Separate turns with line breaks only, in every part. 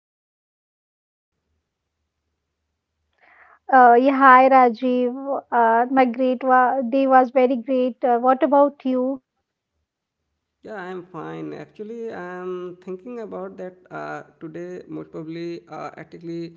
going on?
Yeah, Hi Rajiv. My great wa day was very great. What about you?
Yeah, I'm fine. Actually, I'm thinking about that today, most probably, actually,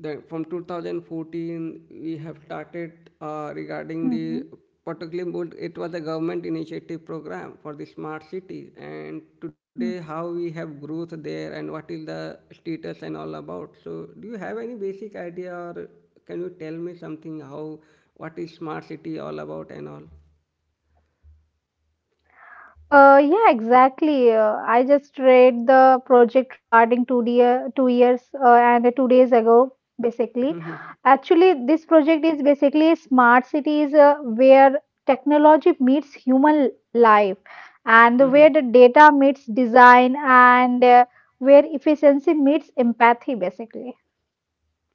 from 2014, we have started
Mm-hmm.
regarding the it was a government initiative program for the smart cities, and today how we have growth there and what is the status and all about. So do you have any basic idea, or can you tell me something, how, what is smart city all about and all?
Yeah, exactly. I just read the project regarding 2 years and 2 days ago, basically. Actually, this project is basically smart cities where technology meets human life and where the data meets design and where efficiency meets empathy, basically.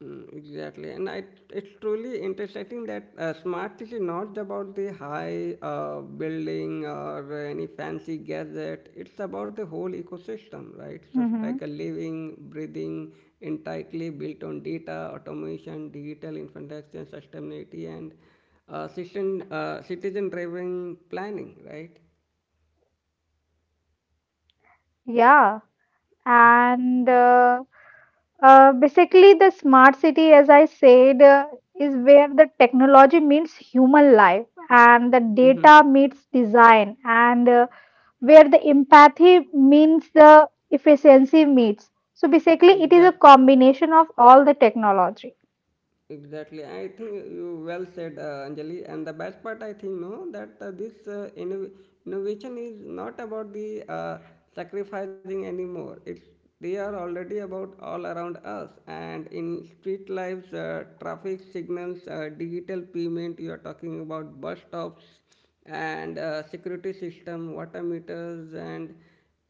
Mm, exactly. It's truly interesting that smart city not about the high building or any fancy gadget. It's about the whole ecosystem, right? So
Mm-hmm.
like a living, breathing, entirely built on data, automation, digital infrastructure, sustainability, and citizen-driven planning, right?
Yeah. and Basically the smart city, as I said, is where the technology meets human life and the
Mm-hmm.
data meets design and where the empathy means the efficiency meets, so basically it is a
Exactly.
combination of all the technology.
Exactly. I think you well said, Anjali. And the best part, I think, no, that innovation is not about the sacrificing anymore. It's, they are already about all around us, and in street lives, traffic signals, digital payment. You are talking about bus stops and security system, water meters, and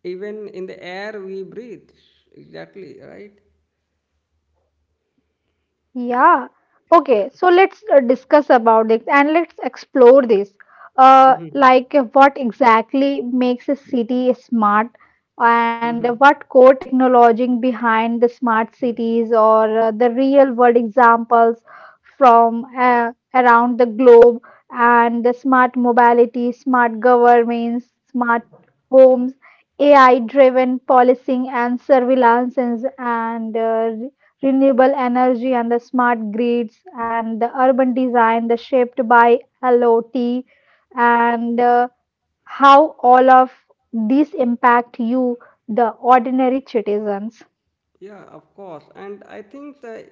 even in the air we breathe. Exactly right.
Yeah. Okay. So let's discuss about it and let's explore this. Uh,
Mm-hmm.
like uh, what exactly makes a city smart, and what core technology behind the smart cities, or the real world examples from around the globe, and the smart mobility, smart governments, smart homes, AI-driven policing and surveillance, and renewable energy and the smart grids and the urban design the shaped by LOT and how all of these impact you the ordinary citizens.
Yeah, of course. And I think the,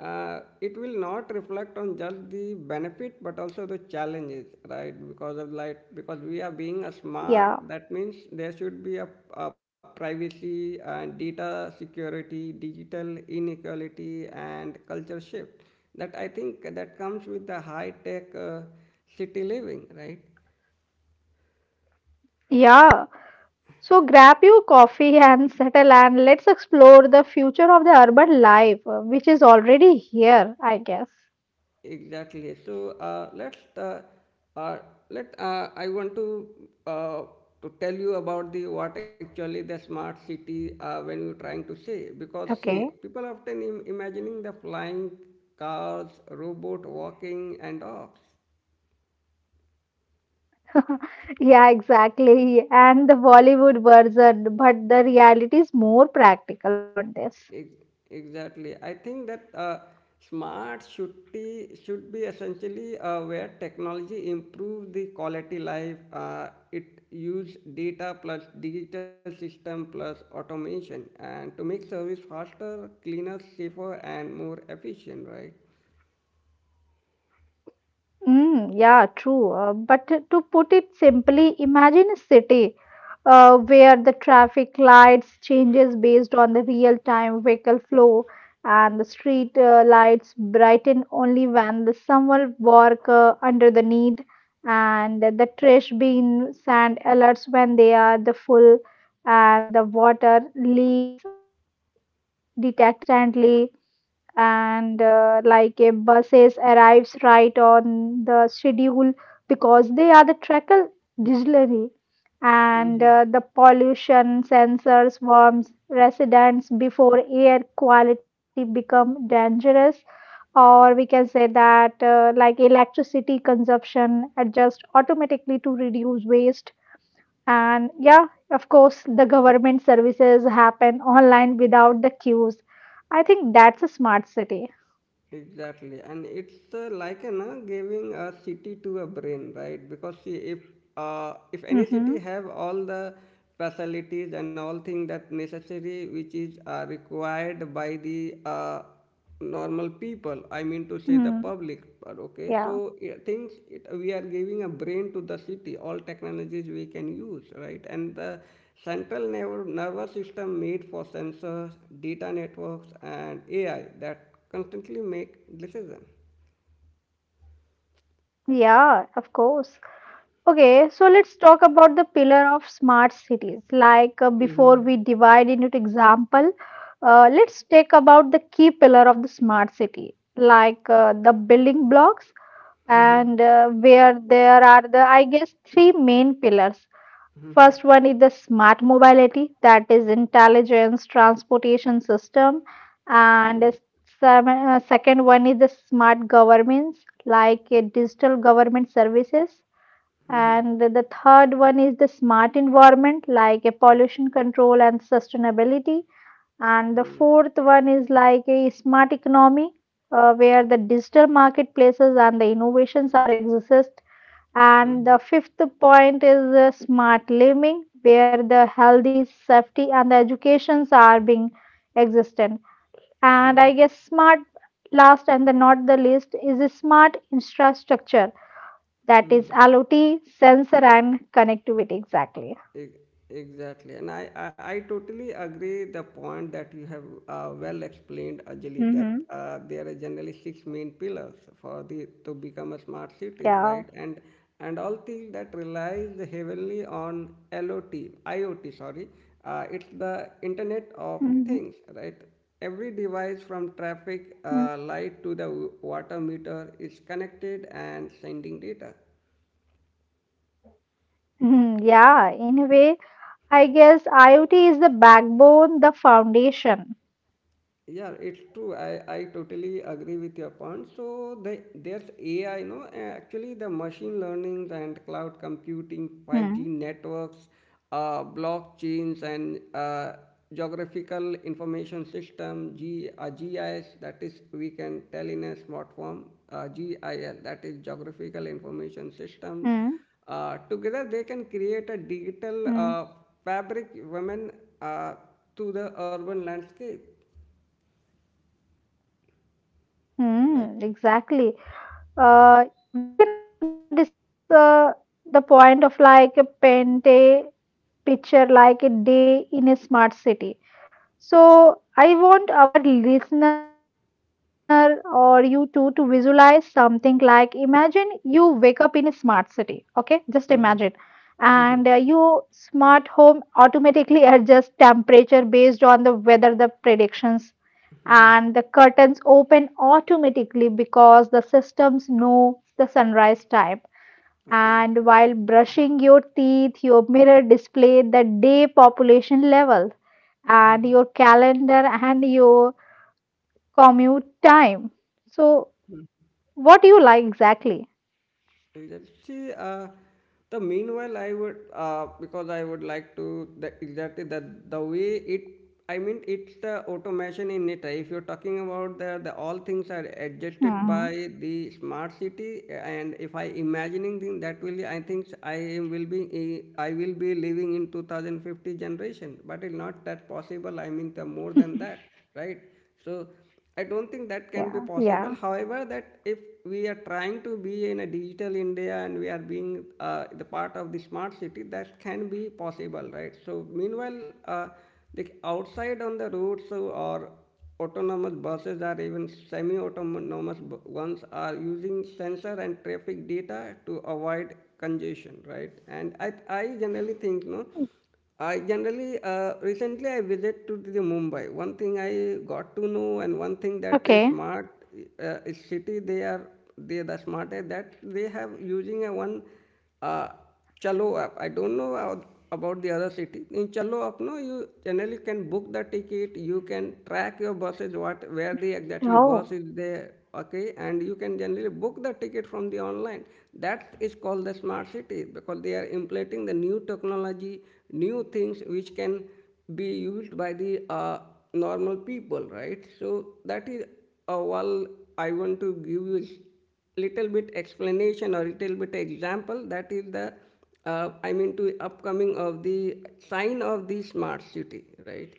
It will not reflect on just the benefit but also the challenges, right? Because of like because we are being a
Yeah.
smart, that means there should be a privacy and data security, digital inequality, and culture shift. That I think that comes with the high tech city living, right?
Yeah. So grab your coffee and settle and let's explore the future of the urban life, which is already here, I guess.
Exactly. So let's uh, let I want to, uh, to tell you about the what actually the smart city when you're trying to say, because see,
Okay.
people often imagining the flying cars, robot walking, and dogs.
Yeah, exactly. And the Bollywood version, but the reality is more practical beyond this.
Ex- Exactly. I think that smart should be essentially where technology improve the quality life. It use data plus digital system plus automation and to make service faster, cleaner, safer, and more efficient, right?
Mm, yeah, true. But to put it simply, imagine a city where the traffic lights changes based on the real-time vehicle flow, and the street lights brighten only when the someone work under the need, and the trash bin sand alerts when they are the full, and the water leaks are detected instantly and like a buses arrives right on the schedule because they are the tracker digitally, and the pollution sensors warns residents before air quality become dangerous, or we can say that like electricity consumption adjust automatically to reduce waste, and yeah, of course the government services happen online without the queues. I think that's a smart city.
Exactly, and it's like you know, giving a city to a brain, right? Because see, if any city
Mm-hmm.
have all the facilities and all things that necessary, which is required by the normal people, I mean to say the
Hmm.
public. But okay,
Yeah.
so yeah, things it, we are giving a brain to the city, all technologies we can use, right? And the central nervous system made for sensors, data networks, and AI that Constantly make decision.
Yeah, of course. Okay, so let's talk about the pillar of smart cities. Like before
Mhm.
we divide into example, let's take about the key pillar of the smart city, like the building blocks and where there are the, I guess, three main pillars. First one is the smart mobility, that is intelligence transportation system, and second one is the smart governments, like digital government services, and the third one is the smart environment, like a pollution control and sustainability, and the
Mm.
fourth one is like a smart economy, where the digital marketplaces and the innovations are exist. And the
Mhm.
fifth point is smart living, where the healthy, safety, and the educations are being existent. And I guess smart last and the not the least is a smart infrastructure, that is LOT, sensor, and connectivity. Exactly.
E- Exactly, and I totally agree the point that you have well explained, Ajali, that
Mm-hmm.
there are generally six main pillars for the to become a smart cities, right?
Yeah.
And all things that relies heavily on LOT, IoT, sorry, it's the Internet of
Mm-hmm.
Things, right? Every device from traffic
Mm-hmm.
light to the water meter is connected and sending data.
Mm-hmm. Yeah, in a way, I guess IoT is the backbone, the foundation.
Yeah, it's true. I totally agree with your point. So the, there's AI, no, actually the machine learning and cloud computing, 5G
Hmm.
networks, blockchains and geographical information system, GIS, that is we can tell in a smart form, GIS, that is geographical information systems.
Hmm.
Together they can create a digital
Hmm.
fabric women uh, to the urban landscape. Right.
Hmm. Exactly. Uh, we can also discuss the point of like a pen day picture, like a day in a smart city. So, I want our listener or you too to visualize something, like imagine you wake up in a smart city, okay? Just imagine. And your smart home automatically adjusts temperature based on the weather, the predictions, and the curtains open automatically because the systems know the sunrise time.
Okay.
And while brushing your teeth, your mirror display the day population level and your calendar and your commute time. So, what do you like exactly?
Exactly. The meanwhile, I would because I would like to the, exactly that the way it. I mean, it's the automation in it. If you're talking about the all things are adjusted by
Hmm.
the smart city, and if I imagining thing that will, I think I am will be eh, I will be living in 2050 generation, but it's not that possible. I mean, the more than that, right? So. I don't think that can be
Yeah,
possible.
yeah.
However, that if we are trying to be in a digital India and we are being the part of the smart city, that can be possible, right? So, meanwhile, the outside on the roads so, or autonomous buses or even ones are using sensor and traffic data to avoid congestion, right? And I generally think, no, I generally recently I visit to the Mumbai. One thing I got to know, and one thing that is smart
Okay.
is city they are, they are the smarter that they have using a one uh, Chalo app. I don't know how, about the other city. In Chalo app, no, you generally can book the ticket. You can track your buses what where the
Mm.
exactly bus is
Oh.
there, okay, and you can generally book the ticket from the online. That is called the smart city because they are implementing the new technology, new things which can be used by the normal people, right? So that is all I want to give you is little bit explanation or little bit example that is the I mean to upcoming of the sign of the smart city, right?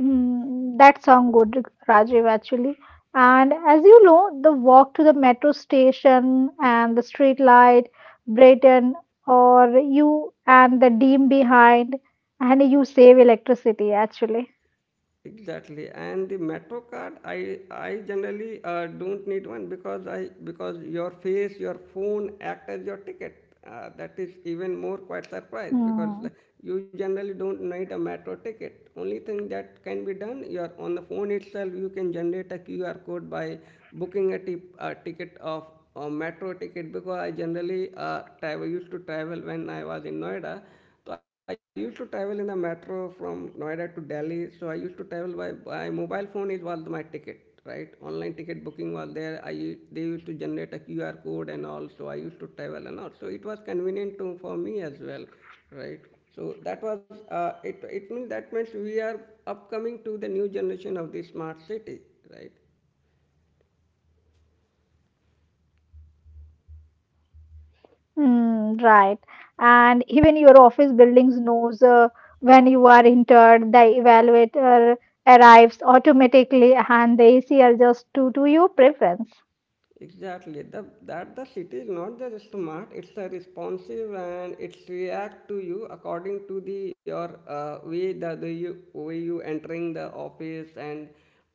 Mm, that sounds good, Rajiv, actually. And as you know, the walk to the metro station and the street light, Brighton, or you and the dim behind, and you save electricity actually.
Exactly, and the Metro card, I generally don't need one because I because your face, your phone act as your ticket. That is even more quite surprised because
Hmm.
you generally don't need a Metro ticket. Only thing that can be done, you're on the phone itself. You can generate a QR code by booking a ticket of a Metro ticket because I generally travel used to travel when I was in Noida. So I used to travel in the metro from Noida to Delhi. So I used to travel by mobile phone. It was my ticket, right? Online ticket booking was there. They used to generate a QR code and all. So I used to travel and all. So it was convenient to, for me as well, right? So that was it. It means that means we are upcoming to the new generation of the smart city, right?
Mm, right. And even your office buildings knows when you are entered, the evaluator arrives automatically and the AC adjusts to your preference.
Exactly. The, that the city is not just smart, it's a responsive and it's react to you according to the your way way you entering the office, and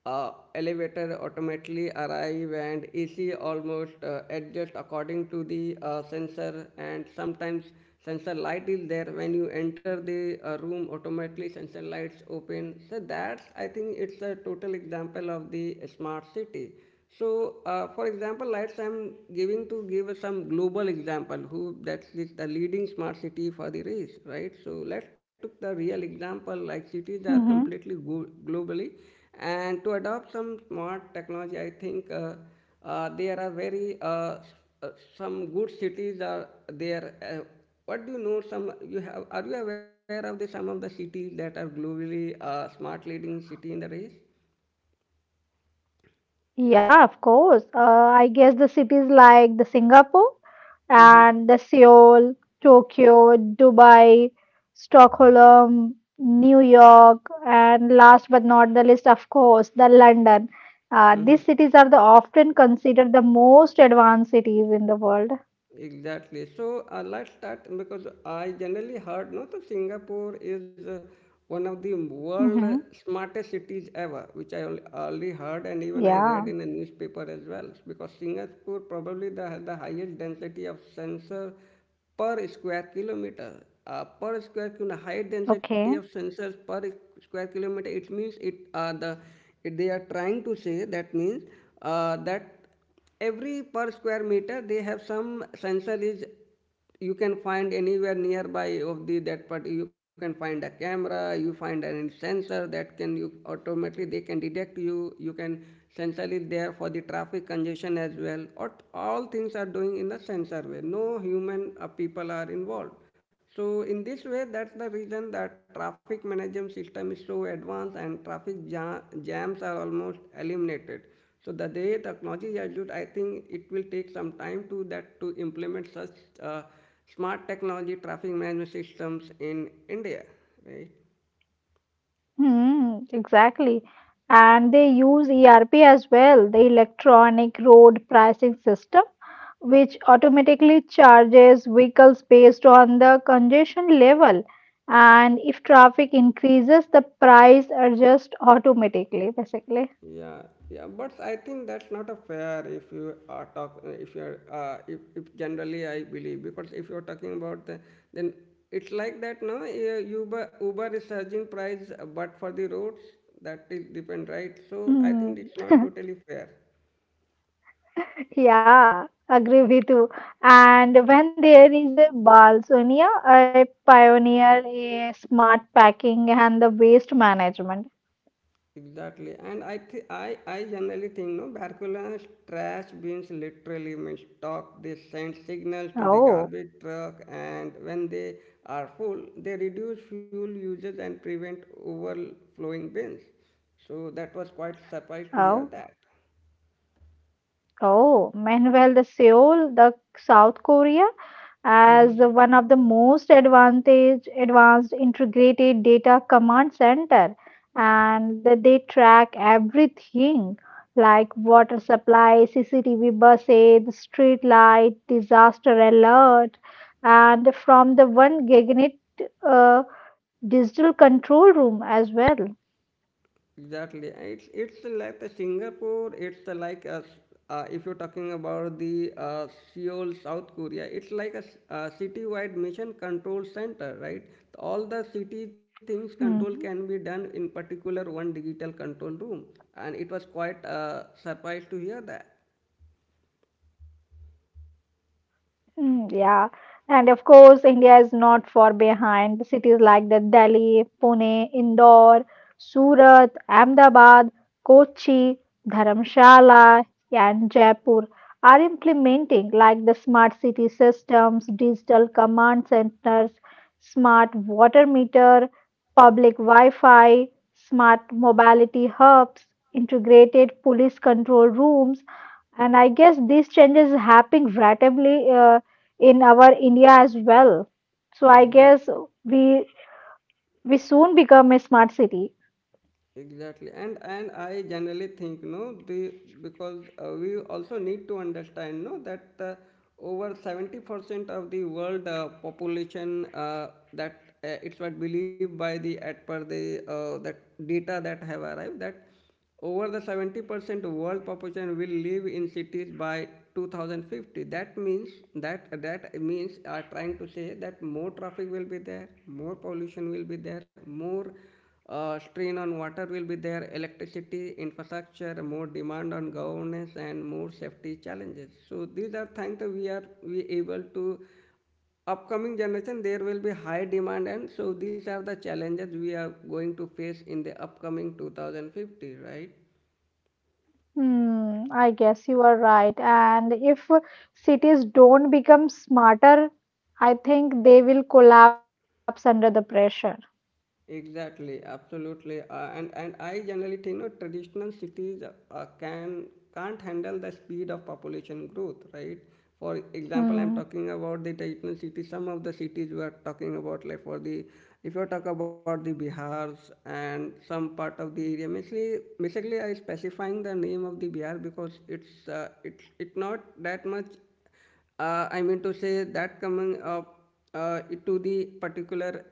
elevator automatically arrive and AC almost adjust according to the sensor, and sometimes sensor light is there, when you enter the room automatically sensor lights open. So that's, I think, it's a total example of the smart city. So, for example, let's I'm giving to give some global example who that's the leading smart city for the race, right? So let's took the real example like cities are completely
Mm-hmm.
globally, and to adopt some smart technology, I think there are very uh, some good cities are there. What do you know? Some you have, are you aware of the some of the cities that are globally smart leading city in the race?
Yeah, of course. I guess the cities like the Singapore
Mm-hmm.
and the Seoul, Tokyo, Dubai, Stockholm, New York, and last but not the least, of course, the London.
Mm-hmm.
These cities are the often considered the most advanced cities in the world.
Exactly. So let's start because I generally heard no, that Singapore is one of the world
Mm-hmm.
smartest cities ever, which I already heard and even I read
Yeah.
in a newspaper as well. Because Singapore probably has the highest density of sensor per square kilometer. Per square kilometer, high density of
Okay.
sensors per square kilometer. It means they are trying to say that means that every per square meter they have some sensor is, you can find anywhere nearby of the that part, you can find a camera, you find an sensor that can you automatically they can detect you, you can sensor is there for the traffic congestion as well, or all things are doing in the sensor way, no human people are involved. So in this way, that's the reason that traffic management system is so advanced and jams are almost eliminated. So the day technology is used, I think it will take some time to that to implement such uh, smart technology traffic management systems in India, right?
Mm, exactly. And they use ERP as well, the electronic road pricing system, which automatically charges vehicles based on the congestion level. And if traffic increases, the price adjusts automatically, basically.
Yeah, yeah, but I think that's not a fair if you are talk if you're if generally I believe because if you're talking about the, then it's like that no, yeah, Uber is surging price but for the roads, that is depend, right? So I think it's
Mm,
not totally fair.
yeah, agree with you. And when there is a Balsonia, I pioneer a smart packing and the waste management.
Exactly, and I th- I generally think, no, Barcelona's trash bins literally mistalk. They send signals to the
Oh.
garbage truck, and when they are full, they reduce fuel usage and prevent overflowing bins. So that was quite surprised to hear
Oh.
that.
Oh, meanwhile, the Seoul, the South Korea, as one of the most advantage advanced integrated data command center, and that they track everything like water supply, CCTV buses, street light, disaster alert, and from the one giganet uh, digital control room as well.
Exactly. And it's like the Singapore. It's if you're talking about the Seoul, South Korea. It's like a city-wide mission control center, right? All the city things control can be done
Mhm.
in particular one digital control room, and it was quite surprised to hear that.
Mm, yeah, and of course, India is not far behind. Cities like the Delhi, Pune, Indore, Surat, Ahmedabad, Kochi, Dharamshala, and Jaipur are implementing like the smart city systems, digital command centers, smart water meter, public Wi-Fi, smart mobility hubs, integrated police control rooms, and I guess these changes happening rapidly in our India as well. So I guess
Exactly.
we we soon become a smart city.
Exactly, and I generally think no, the— because we also need to understand no that, over 70% of the world population, that, it's what believed by the at per the, that data that have arrived, that over the 70% world population will live in cities by 2050. That means that means are trying to say that more traffic will be there, more pollution will be there, more strain on water will be there, electricity, infrastructure, more demand on governance, and more safety challenges. So these are things that we able to upcoming generation there will be high demand, and so these are the challenges we are going to face in the upcoming 2050, right?
Hmm, I guess you are right. And if cities don't become smarter, I think they will collapse under the pressure.
Exactly, absolutely, and I generally think no, traditional cities can can't handle the speed of population growth, right? For example, I'm
Hmm.
talking about the traditional cities. Some of the cities we are talking about, like for the— if you talk about the Bihar's and some part of the area, basically, basically I specifying the name of the Bihar because it's, it's not that much I mean to say that coming up uh, to the particular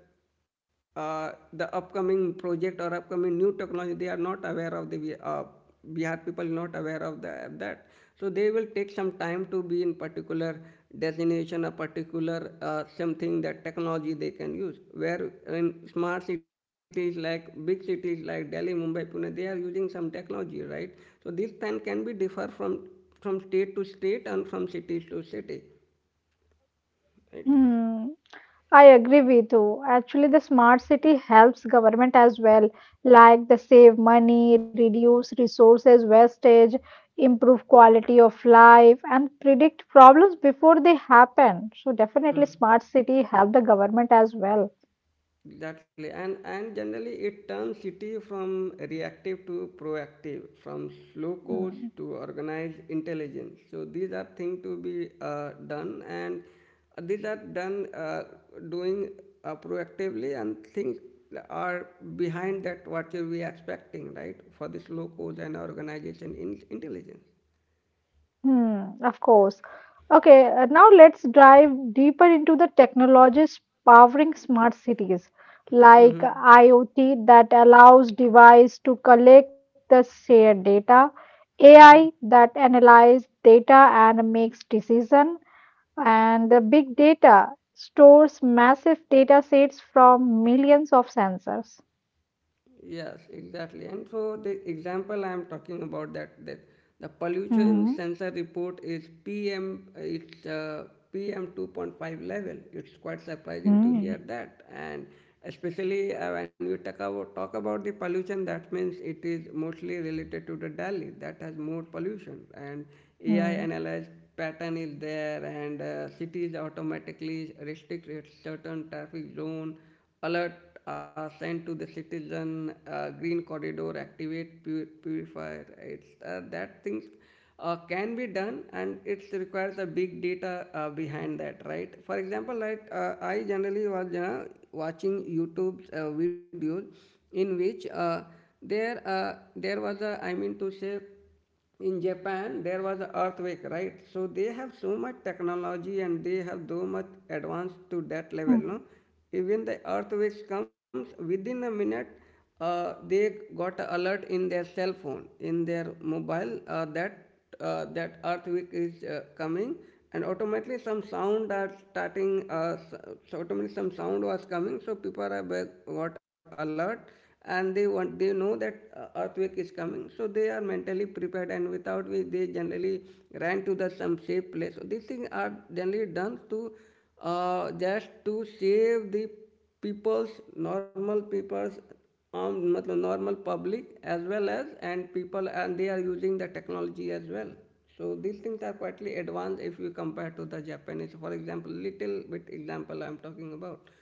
the upcoming project or upcoming new technology, they are not aware of the Bihar people, not aware of the, that— so they will take some time to be in particular designation, a particular something that technology they can use, where in smart cities like big cities like Delhi, Mumbai, Pune, they are using some technology, right? So this time can be differ from state to state and from cities to city, right?
Hmm. I agree with you. Actually, the smart city helps government as well, like the save money, reduce resources wastage, improve quality of life, and predict problems before they happen. So definitely, smart city help the government as well.
Exactly, and generally it turns city from reactive to proactive, from slow coast
Hmm.
to organized intelligence. So these are things to be done, and these are done doing proactively, and things are behind that what we are expecting, right? For the slow coast and organization in intelligence.
Hmm, of course. Okay, now let's dive deeper into the technologies powering smart cities, like IoT that allows device to collect the shared data, AI that analyze data and makes decision, and the big data stores massive data sets from millions of sensors.
Yes, exactly. And so the example I am talking about, that the
Hmm.
pollution sensor report is PM. It's PM 2.5 level. It's quite surprising to hear
Hmm.
that, and especially when you talk about the pollution, that means it is mostly related to the Delhi that has more pollution, and AI
Hmm.
analyzed pattern is there, and cities automatically restrict its certain traffic zone, alert are sent to the citizen, green corridor activate purifier, it's that things can be done, and it requires a big data behind that, right? For example, like, I generally was, you know, watching YouTube videos in which, there, there was a— I mean to say, in Japan, there was an earthquake, right? So they have so much technology and they have so much advanced to
Hmm.
that level, no? Even the earthquakes comes within a minute, they got a alert in their cell phone, in their mobile, that that earthquake is coming, and automatically some sound are starting, so automatically some sound was coming, so people are back, got alert, and they want they know that earthquake is coming, so they are mentally prepared, and without which they generally ran to the some safe place. So these things are generally done to just to save the people's normal people's, matlab normal public, as well as and people, and they are using the technology as well. So these things are quietly advanced if you compare to the Japanese, for example, little bit example I'm talking about.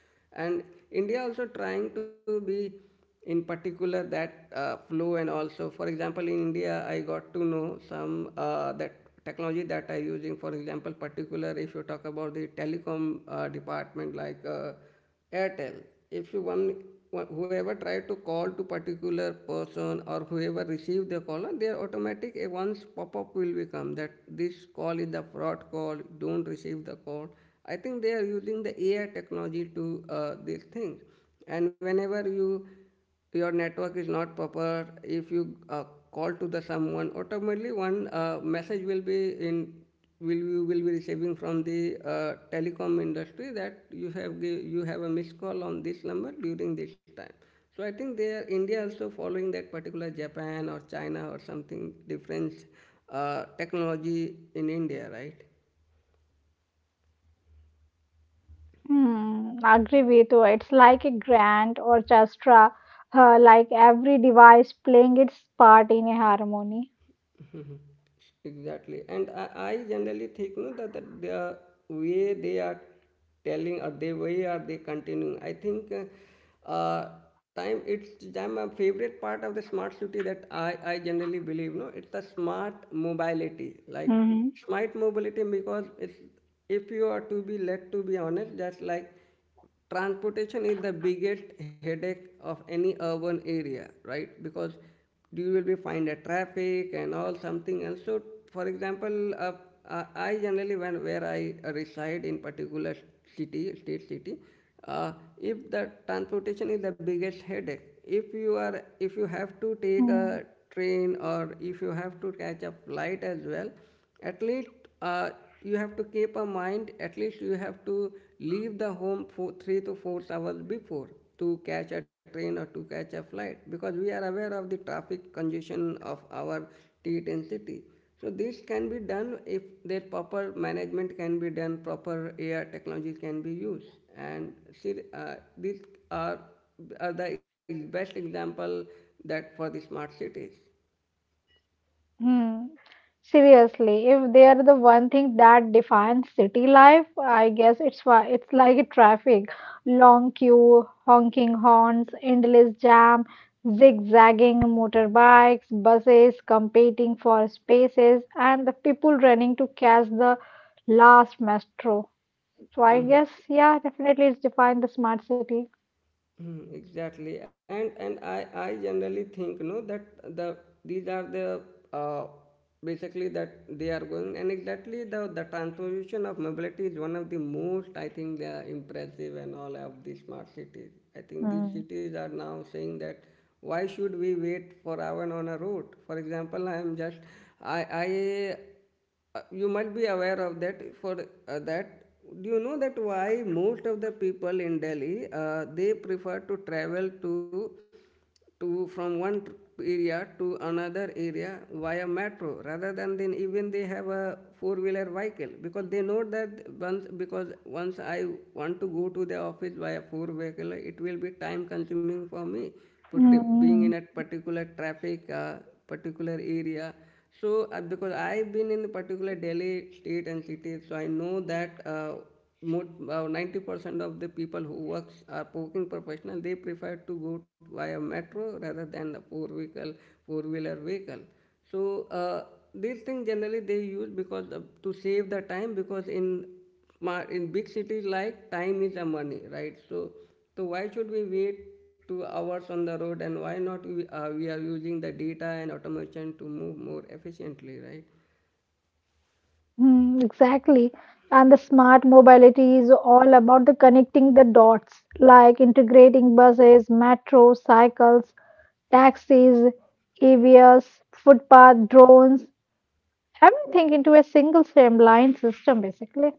And India also trying to be in particular that flow, and also for example in India I got to know some that technology that I using. For example, particular if you talk about the telecom department, like Airtel. If you one whoever try to call to particular person or whoever receive the call, their automatic a once pop up will become that this call is the fraud call. Don't receive the call. I think they are using the AI technology to these things, and whenever you your network is not proper, if you call to the someone, automatically one message will be in will you will be receiving from the telecom industry that you have give, you have a missed call on this number during this time. So I think they are India also following that particular Japan or China or something different technology in India, right?
Hmm, agree with you. It's like a grand orchestra, like every device playing its part in a harmony.
Exactly. And I generally think no, that the way they are telling or the way are they continuing, I think, time, it's time my favorite part of the smart city that I generally believe, no, it's the smart mobility, like
Hmm.
smart mobility, because it's, if you are to be, let to be honest, just like transportation is the biggest headache of any urban area, right? Because you will be find a traffic and all something else. So, for example, I generally when where I reside in particular city, state city, uh, if the transportation is the biggest headache, if you are if you have to take
Hmm.
a train or if you have to catch a flight as well, at least uh, you have to keep a mind, at least you have to leave the home for 3 to 4 hours before to catch a train or to catch a flight, because we are aware of the traffic congestion of our t and city. So this can be done if their proper management can be done, proper AI technologies can be used, and see, these are, are the best example that for the smart cities.
Hmm. Seriously, if they are the one thing that defines city life, I guess it's why it's like a traffic, long queue, honking horns, endless jam, zigzagging motorbikes, buses competing for spaces, and the people running to catch the last metro. So I guess, yeah, definitely it's defined the smart city.
Hmm, exactly, and I generally think no that the— these are the uh, basically that they are going, and exactly the transformation of mobility is one of the most, I think, impressive and all of the smart cities. I think these
Mm.
cities are now saying that why should we wait for hour on a road? For example, I am just I you might be aware of that for that, do you know that why most of the people in Delhi, they prefer to travel to from one area to another area via metro rather than then even they have a four wheeler vehicle, because they know that once, because once I want to go to the office via four vehicle, it will be time consuming for me, put being in
Mm,
a particular traffic, particular area. So, because I've been in the particular Delhi state and city, so I know that, 90% of the people who works are working professional, they prefer to go via metro rather than a four vehicle, four wheeler vehicle. So these things generally they use, because to save the time, because in smart in big cities like time is a money, right? So so why should we wait 2 hours on the road, and why not we are using the data and automation to move more efficiently, right?
exactly. And the smart mobility is all about the connecting the dots, like integrating buses, metro, cycles, taxis, EVs, footpath, drones, everything into a single streamlined system, basically.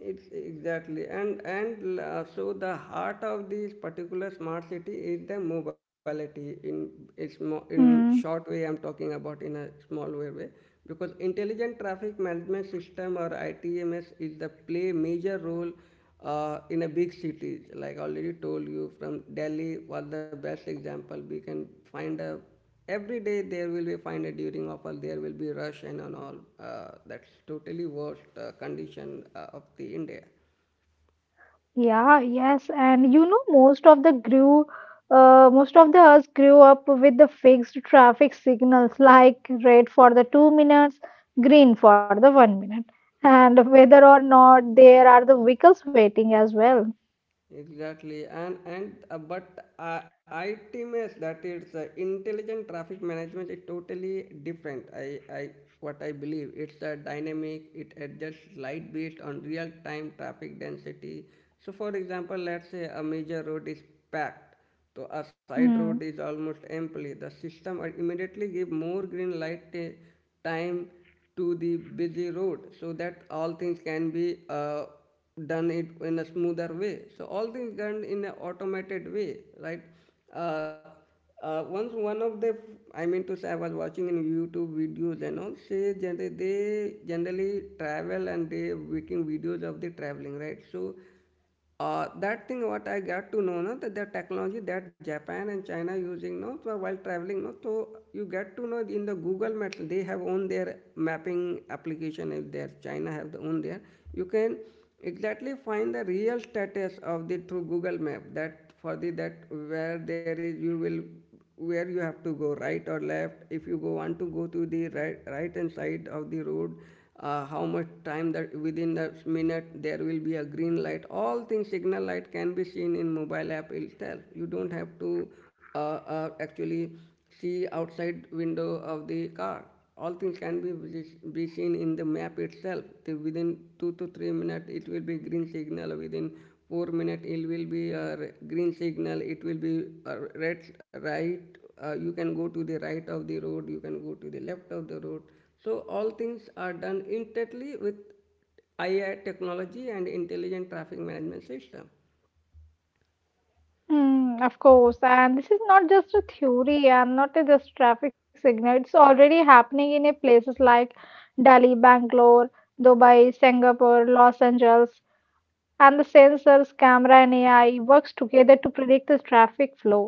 It's exactly, and so the heart of this particular smart city is the mobility in it's in short way I'm talking about, in a small way, because intelligent traffic management system or ITMS is the play major role in a big cities, like already told you, from Delhi was the best example. We can find a every day there will be find a, during offer there will be rush and on all, that's totally worst condition of the India.
Yeah, yes, and you know, most of the us grew up with the fixed traffic signals like red for the 2 minutes, green for the 1 minute, and whether or not there are the vehicles waiting as well.
Exactly, and but ITMS, that is intelligent traffic management, is totally different. I what I believe, it's a dynamic. It adjusts light based on real time traffic density. So, for example, let's say a major road is packed, so a side road is
Mm.
almost empty. The system will immediately give more green light time to the busy road, so that all things can be. Done it in a smoother way. So all things done in an automated way, right? Uh, once one of the— I mean to say, I was watching in YouTube videos and all. Say generally they generally travel and they making videos of the traveling, right? So that thing what I got to know, no, that the technology that Japan and China using, no, so while traveling, no, so you get to know in the Google Maps, they have own their mapping application. If there China have the own there, you can exactly find the real status of the through Google Map. That for the that where there is you will, where you have to go right or left, if you go want to go to the right hand side of the road, how much time that within the minute there will be a green light, all things signal light can be seen in mobile app itself. You don't have to uh, actually see outside window of the car. All things can be seen in the map itself. Within 2 to 3 minutes it will be green signal, within 4 minutes, it will be a green signal, it will be a red, right? You can go to the right of the road, you can go to the left of the road. So all things are done intently with AI technology and intelligent traffic management system.
Mm, of course, and this is not just a theory and not a just traffic signal. It's already happening in a places like Delhi, Bangalore, Dubai, Singapore, Los Angeles. And the sensors, camera, and AI works together to predict the traffic flow.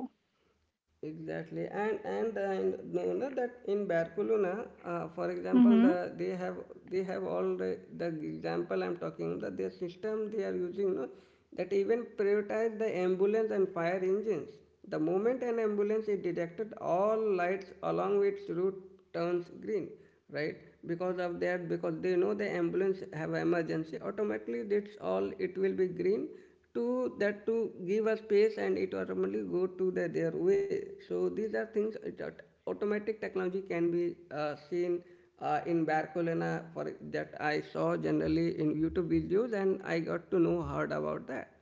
Exactly, and know no, that in Barcelona, for example,
Mm-hmm.
the— they have all the example I'm talking, that their system they are using, no, that even prioritize the ambulance and fire engines. The moment an ambulance is detected, all lights along its route turns green, right? Because of that, because they know the ambulance have emergency, automatically that's all it will be green, to that to give us space, and it automatically go to the, their way. So these are things it, automatic technology can be seen in Barcelona. For that I saw generally in YouTube videos and I got to know, heard about that,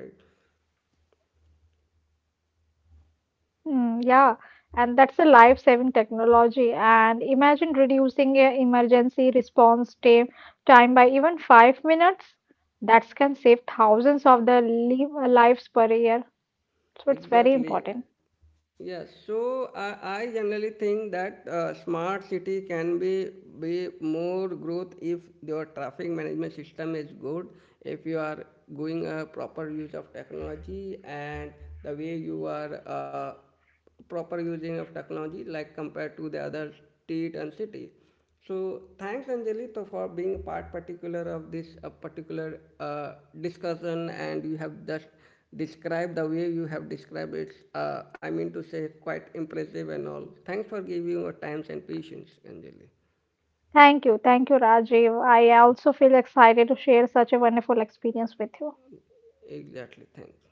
right?
Mm, yeah, and that's a life-saving technology. And imagine reducing a emergency response time by even 5 minutes. That can save thousands of the lives per year. So it's very
Exactly.
important.
Yes. So I generally think that smart city can be more growth if your traffic management system is good. If you are going a proper use of technology, and the way you are, proper using of technology, like compared to the other state and city. So thanks, Anjali, for being part particular of this particular discussion, and you have just described the way you have described it. I mean to say, quite impressive and all. Thanks for giving your time and patience, Anjali.
Thank you, Rajiv. I also feel excited to share such a wonderful experience with you.
Exactly. Thanks.